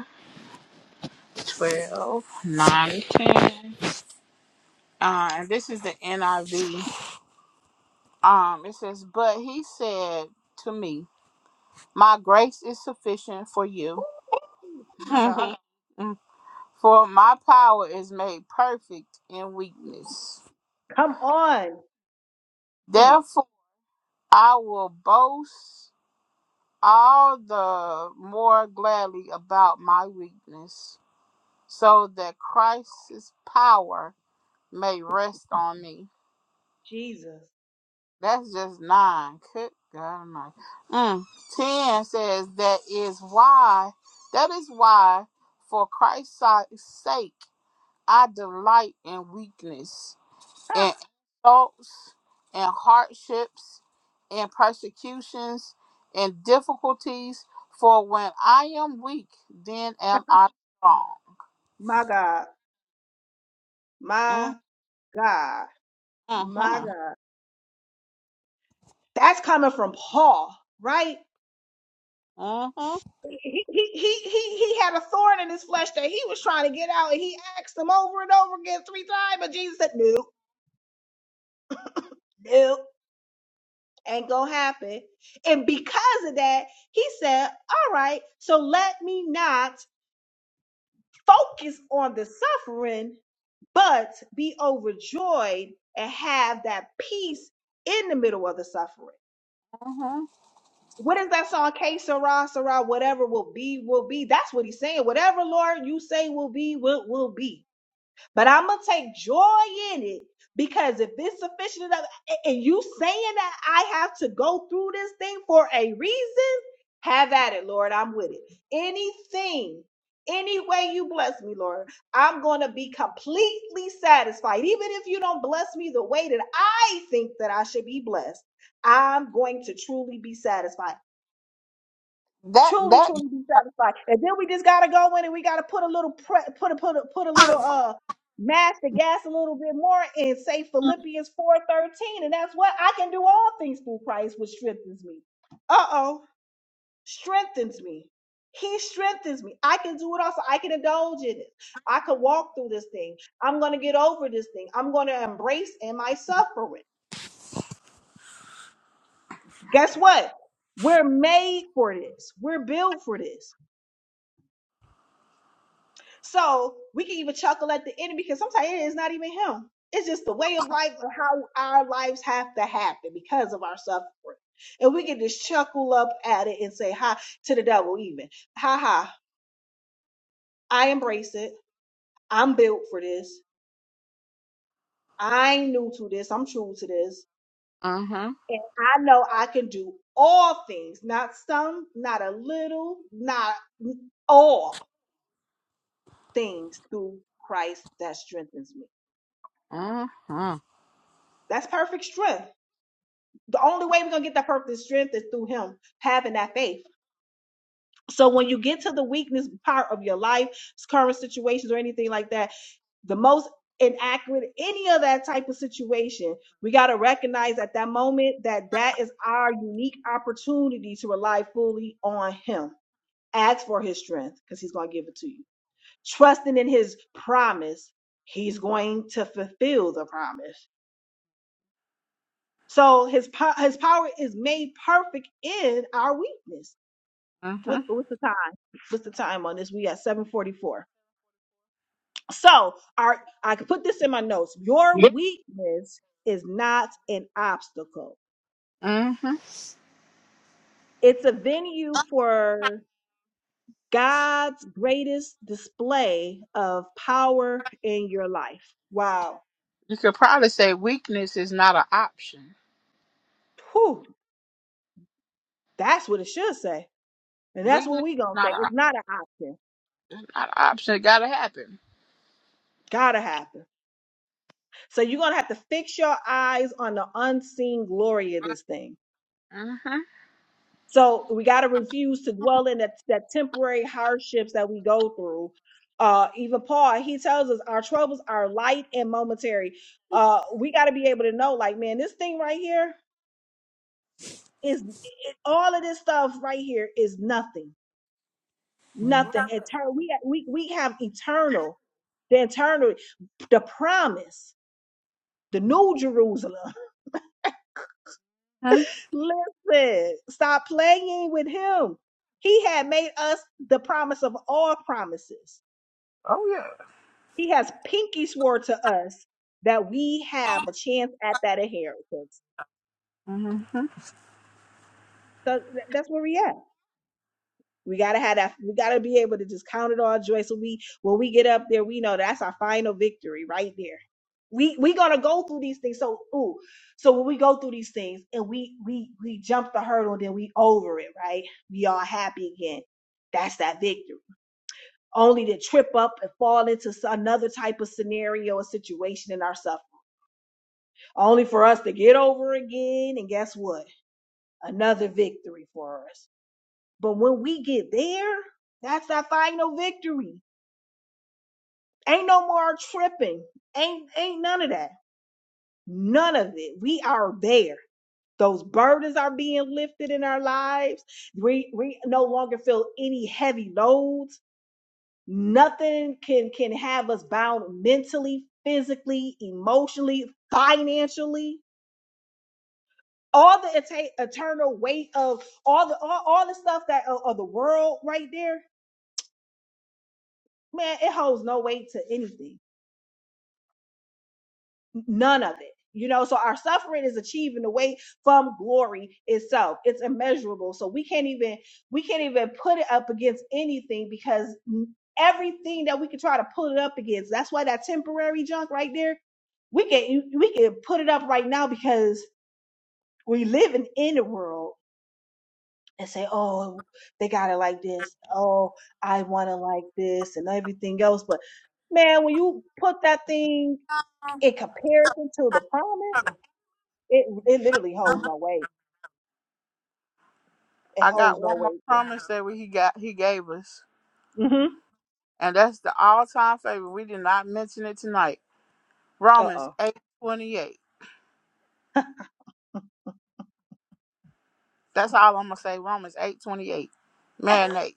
A: 12, 9, 10. Uh, and this is the NIV. Um, it says, But he said to me, My grace is sufficient for you,
B: Ooh, my God.
A: for my power is made perfect in weakness.
B: Come on. Mm,
A: Therefore, I will boast all the more gladly about my weakness, so that Christ's power may rest on me.
B: Jesus.
A: That's just nine. Good God Almighty. Mm. Ten says that is why. That is why, for Christ's si- sake, I delight in weakness, in insults, in hardships, in persecutions, in difficulties. For when I am weak, then am I strong.
B: My God.
A: Mm,
B: My God. My
A: mhm,
B: God. That's coming from Paul, right?
A: mhm,
B: He, he he he he had a thorn in his flesh that he was trying to get out, and he asked him over and over again three times, but Jesus said, "No, no, ain't gonna happen." And because of that, he said, "All right, so let me not focus on the suffering, but be overjoyed and have that peace in the middle of the suffering."
A: mhm.
B: what is that song? K Sarah, Sarah, whatever will be, will be. That's what he's saying. Whatever, Lord, you say will be, will, will be. But I'm going to take joy in it because if it's sufficient enough, a- and you saying that I have to go through this thing for a reason, have at it, Lord. I'm with it. Anything, any way you bless me, Lord, I'm going to be completely satisfied. Even if you don't bless me the way that I think that I should be blessed. I'm going to truly be satisfied
A: That
B: truly,
A: that.
B: truly be satisfied. And then we just gotta go in and we gotta put a little pre- put a put a put a little uh mash the gas a little bit more and say Philippians four thirteen, and that's what I can do all things through Christ, which strengthens me. Uh oh, strengthens me. He strengthens me. I can do it also. I can indulge in it. I can walk through this thing. I'm going to get over this thing. I'm going to embrace in my suffering. Guess what? We're made for this. We're built for this. So we can even chuckle at the end because sometimes it is not even him. It's just the way of life and how our lives have to happen because of our suffering. And we can just chuckle up at it and say hi to the devil, even. Ha ha, I embrace it. I'm built for this. I'm new to this. I'm true to this.
A: Mhm,
B: And I know I can do all things, not some, not a little, not all things through Christ that strengthens me.
A: mhm,
B: That's perfect strength the only way we're gonna get that perfect strength is through him having that faith. So when you get to the weakness part of your life, current situations or anything like that, the most inaccurate any of that type of situation we got to recognize at that moment that that is our unique opportunity to rely fully on him ask for his strength because he's going to give it to you trusting in his promise he's going to fulfill the promise So his po- his power is made perfect in our weakness. What,
A: mhm,
B: what's the time? What's the time on this? We at 744. So our I could put this in my notes. Your weakness is not an obstacle.
A: mhm.
B: It's a venue for God's greatest display of power in your life. Wow.
A: You could probably say weakness is not an option.
B: Whew. That's what it should say. And that's
A: Weakness
B: what we
A: is
B: gonna
A: not
B: say. It's
A: an
B: not an option.
A: not a option. It gotta happen.
B: Gotta happen. So you're going to have to fix your eyes on the unseen glory of this thing.
A: Mm-hmm.
B: So we got to refuse to dwell in that, that temporary hardships that we go through. Uh, even Paul, he tells us our troubles are light and momentary. Uh, we got to be able to know, like, man, this thing right here is it, all of this stuff right here is nothing, nothing. Eternal. We we we have eternal, the eternal, the promise, the new Jerusalem.
A: Mm-hmm.
B: Listen, stop playing with him. He had made us the promise of all promises. He has pinky swore to us that we have a chance at that inheritance.
A: Mm-hmm.
B: So th- that's where we at. We gotta have that. We gotta be able to just count it all joy. So we, when we get up there, we know that's our final victory right there. We we gonna go through these things. So ooh, so when we go through these things and we we we jump the hurdle, then we over it, right? We all happy again. That's that victory. only to trip up and fall into another type of scenario or situation in our suffering, only for us to get over again. And guess what? Another victory for us. But when we get there, that's our final victory. Ain't no more tripping. Ain't ain't none of that. None of it. We are there. Those burdens are being lifted in our lives. We we no longer feel any heavy loads Nothing can can have us bound mentally, physically, emotionally, financially. All the eta- eternal weight of all the all, all the stuff that of, of the world right there, man, it holds no weight to anything None of it. You know, so our suffering is achieving the way from glory itself. It's immeasurable. So we can't even we can't even put it up against anything because everything that we can try to put it up against, that's why that temporary junk right there, we can we can put it up right now because we living in the world and say, oh, they got it like this. Oh, I want it like this and everything else. But man, when you put that thing in comparison to the promise, it it literally holds no weight. It
A: I
B: holds
A: got
B: no
A: one more
B: weight.
A: promise that we, he got he gave us,
B: Mm-hmm.
A: and that's the all time favorite. We did not mention it tonight. Romans
B: Uh-oh.
A: eight twenty eight. That's all I'm gonna say. Romans eight twenty eight. Marinate.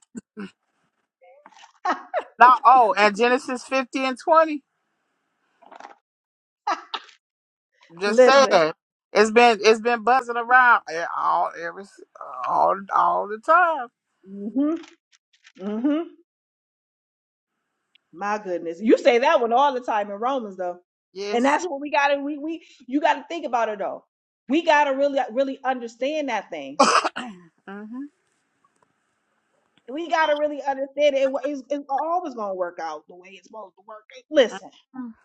A: Now, oh, and Genesis fifty and twenty. Just
B: Listen.
A: said it's been it's been buzzing around eh, all every all all the time.
B: Mm-hmm. Mm-hmm. My goodness. You say that one all the time in Romans though. And
A: Yes.
B: that's what we gotta we we you gotta think about it though. We gotta really really understand that thing.
A: hmm
B: We gotta really understand it. It wa- It's, it's always gonna work out the way it's supposed to work. Listen.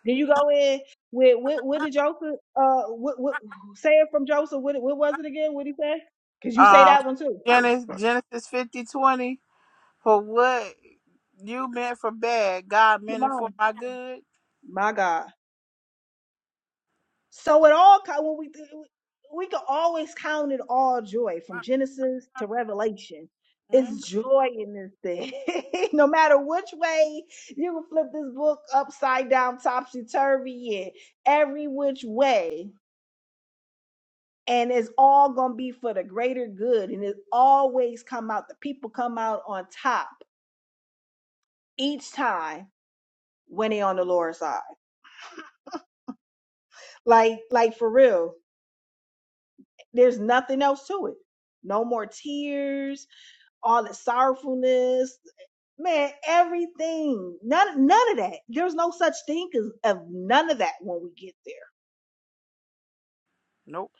B: Then you go in with with with the Joseph uh what what say it from Joseph what what was it again? What did he say? Cause you say
A: Um,
B: that one too.
A: Genesis, Genesis fifty twenty. For what you meant for bad, God
B: Come
A: meant it
B: on.
A: for my good.
B: My God. So it all co- when we we can always count it all joy from Genesis to Revelation.
A: mm
B: It's joy in this thing. no matter which way you can flip this book upside down, topsy turvy, and every which way. And it's all gonna be for the greater good. And it always come out. The people come out on top each time when they on the Lord's side. Like, like for real There's nothing else to it. No more tears, all the sorrowfulness, man, everything. None none of that. There's no such thing as of none of that when we get there.
A: Nope.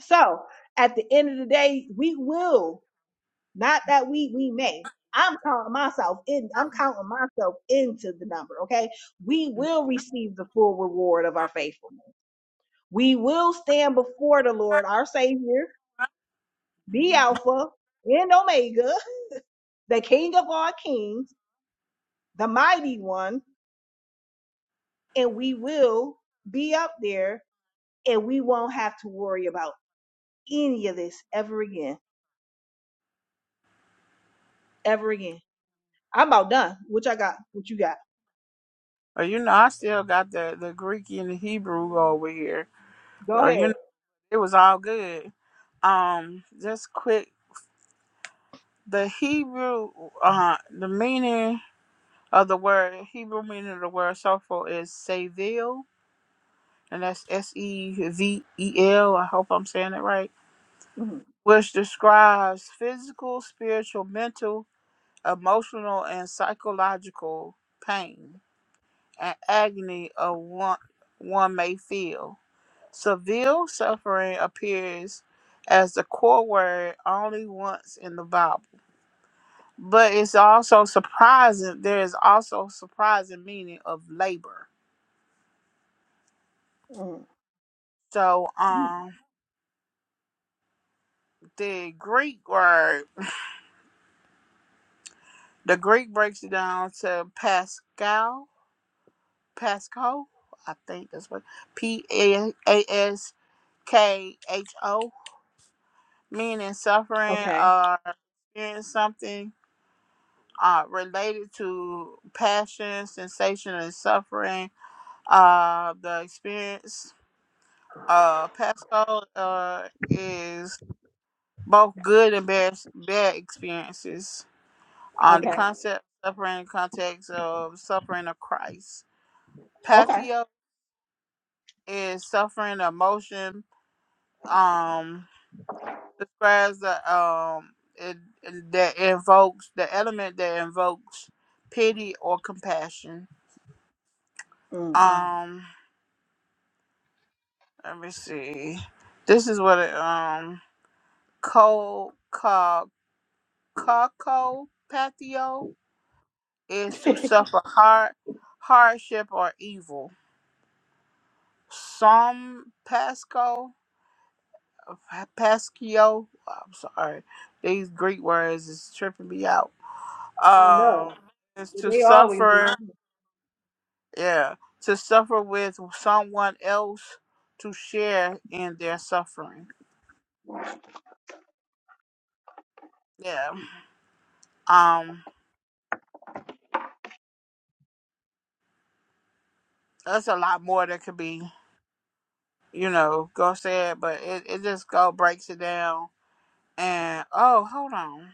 B: So at the end of the day, we will, not that we we may. I'm counting myself in, I'm counting myself into the number, okay? We will receive the full reward of our faithfulness. We will stand before the Lord, our Savior, the Alpha and Omega. the King of all kings, the mighty one, and we will be up there and we won't have to worry about any of this ever again, ever again. I'm about done. What I got? What you got?
A: Or you know, I still got the the Greek and the Hebrew over here.
B: Go
A: Or you
B: ahead.
A: know, it was all good. Um, just quick. The Hebrew, uh, the meaning of the word Hebrew meaning of the word soulful is sevil, and that's S E V E L. I hope I'm saying it right
B: Mhm,
A: which describes physical, spiritual, mental, emotional, and psychological pain and agony of one, one may feel. Severe suffering appears as the core word only once in the Bible, but it's also surprising. There is also surprising meaning of labor.
B: mhm,
A: So,
B: mhm.
A: um, the Greek word, the Greek breaks it down to Pascal, Pasco. I think that's what P A S K H O. Meaning suffering
B: Okay.
A: or experiencing something uh, related to passion, sensation, and suffering. Uh, the experience uh, Pasco uh, is both good and bad, bad experiences. Uh, the
B: Okay.
A: concept of suffering in the context of suffering of Christ.
B: Okay.
A: Pathio is suffering emotion. Um, describes the um it, it- that invokes the element that invokes pity or compassion.
B: Mm.
A: Um, let me see. This is what it, um co co coco patio is to suffer hard hardship or evil. Some pasco pascio. I'm sorry, these Greek words is tripping me out.
B: I know.
A: Um, is to
B: They always do.
A: suffer Yeah, to suffer with someone else to share in their suffering. Yeah, um, that's a lot more that could be, you know, go said, but it, it just go breaks it down. And oh, hold on.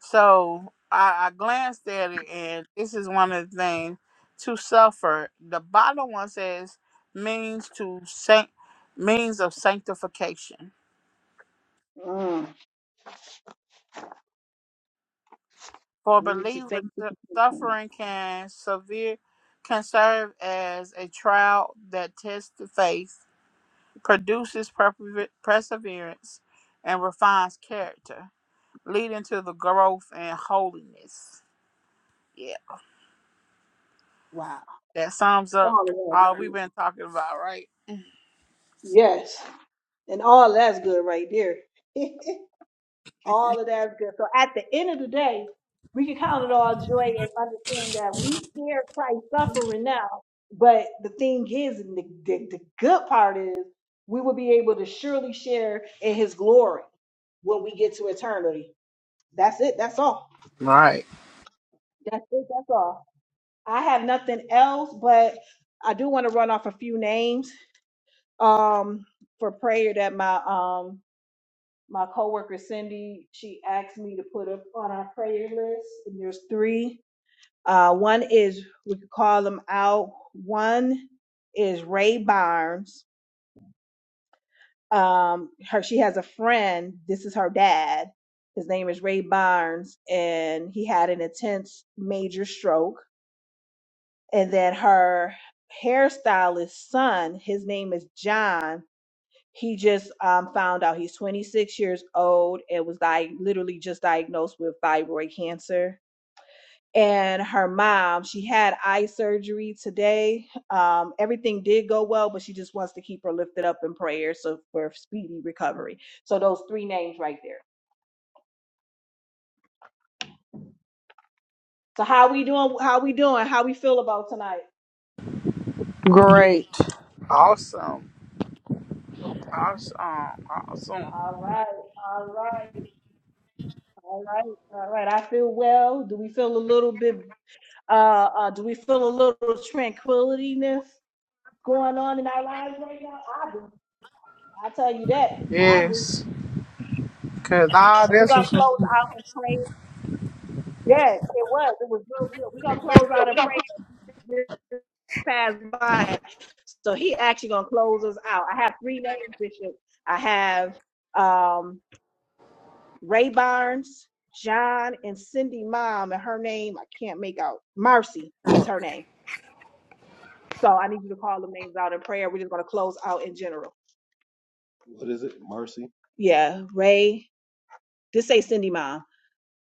A: So I, I glanced at it, and this is one of the things to suffer. The bottom one says means to saint means of sanctification.
B: Mm.
A: For
B: We used to
A: believers,
B: say,
A: su- suffering can severe can serve as a trial that tests the faith, produces perpe- perseverance, and refines character, leading to the growth and holiness. Yeah,
B: wow,
A: that sums up
B: all of that is
A: all we've been
B: good.
A: talking about, right?
B: Yes. And all that's good right there. All of that is good. So at the end of the day, we can count it all joy and understand that we share Christ's suffering now. But the thing is, and the, the, the good part is, we will be able to surely share in his glory when we get to eternity. That's it. That's all.
A: All right.
B: That's it. That's all. I have nothing else, but I do want to run off a few names um, for prayer that my um, my coworker Cindy, she asked me to put up on our prayer list, and there's three. Uh, one is we could call them out. One is Ray Barnes. Um, her she has a friend. This is her dad. His name is Ray Barnes, and he had an intense major stroke. And then her hairstylist son, his name is John he just um, found out he's 26 years old and was di- literally just diagnosed with thyroid cancer. And her mom, she had eye surgery today. Um, everything did go well, but she just wants to keep her lifted up in prayer so for speedy recovery. So those three names right there. So how we doing? How we doing? How we feel about tonight?
C: Great.
A: Awesome. Awesome. Awesome.
B: All right, all right, all right, all right. I feel well. Do we feel a little bit? Uh, uh do we feel a little tranquilityness? going on in our lives right now? I do. I tell you that. I do.
A: Yes. Cause all
B: And we're
A: this
B: gonna
A: was
B: close out and pray. Yes, it was. It was real good. We're gonna close out and pray. This Passed by. So he actually gonna close us out. I have three names, Bishop. I have um Ray Barnes, John, and Cindy Mom, and her name I can't make out. Marcy is her name. So I need you to call them names out in prayer. We're just gonna close out in general. What is it? Marcy? Yeah, Ray This say Cindy Mom,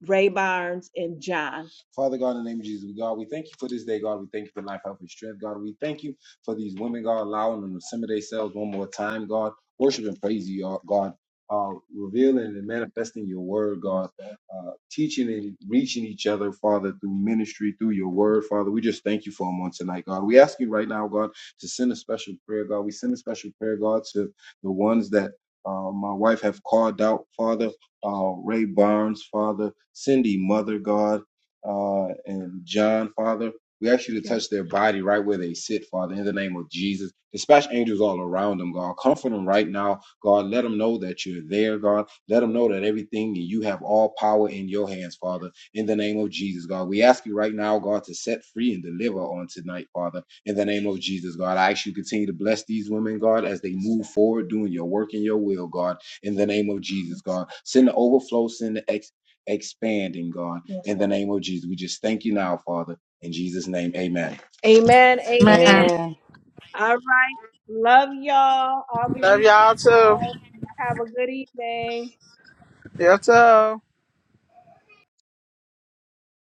B: Ray Barnes, and John. Father God, in the name of Jesus, God, we thank you for this day, God. We thank you for life, health, and strength, God. We thank you for these women, God, allowing them to submit themselves one more time, God. Worship and praise you, God. Uh, revealing and manifesting your word, God. Uh, teaching and reaching each other, Father, through ministry, through your word, Father. We just thank you for them on tonight, God. We ask you right now, God, to send a special prayer, God. We send a special prayer, God, to the ones that uh, my wife have called out, Father uh, Ray Barnes, Father, Cindy, Mother God, uh, and John, Father. We ask you to touch their body right where they sit, Father, in the name of Jesus. Dispatch angels all around them, God. Comfort them right now, God. Let them know that you're there, God. Let them know that everything you have all power in your hands, Father, in the name of Jesus, God. We ask you right now, God, to set free and deliver on tonight, Father, in the name of Jesus, God. I ask you to continue to bless these women, God, as they move forward doing your work and your will, God in the name of Jesus, God. Send the overflow, send the ex- expanding, God, Yes, in the Lord. name of Jesus. We just thank you now, Father. In Jesus' name, amen. Amen. Amen.
C: Amen.
B: All right. Love y'all. I'll be
A: love
B: reaching
A: y'all too.
B: out. Have a good evening.
A: You too.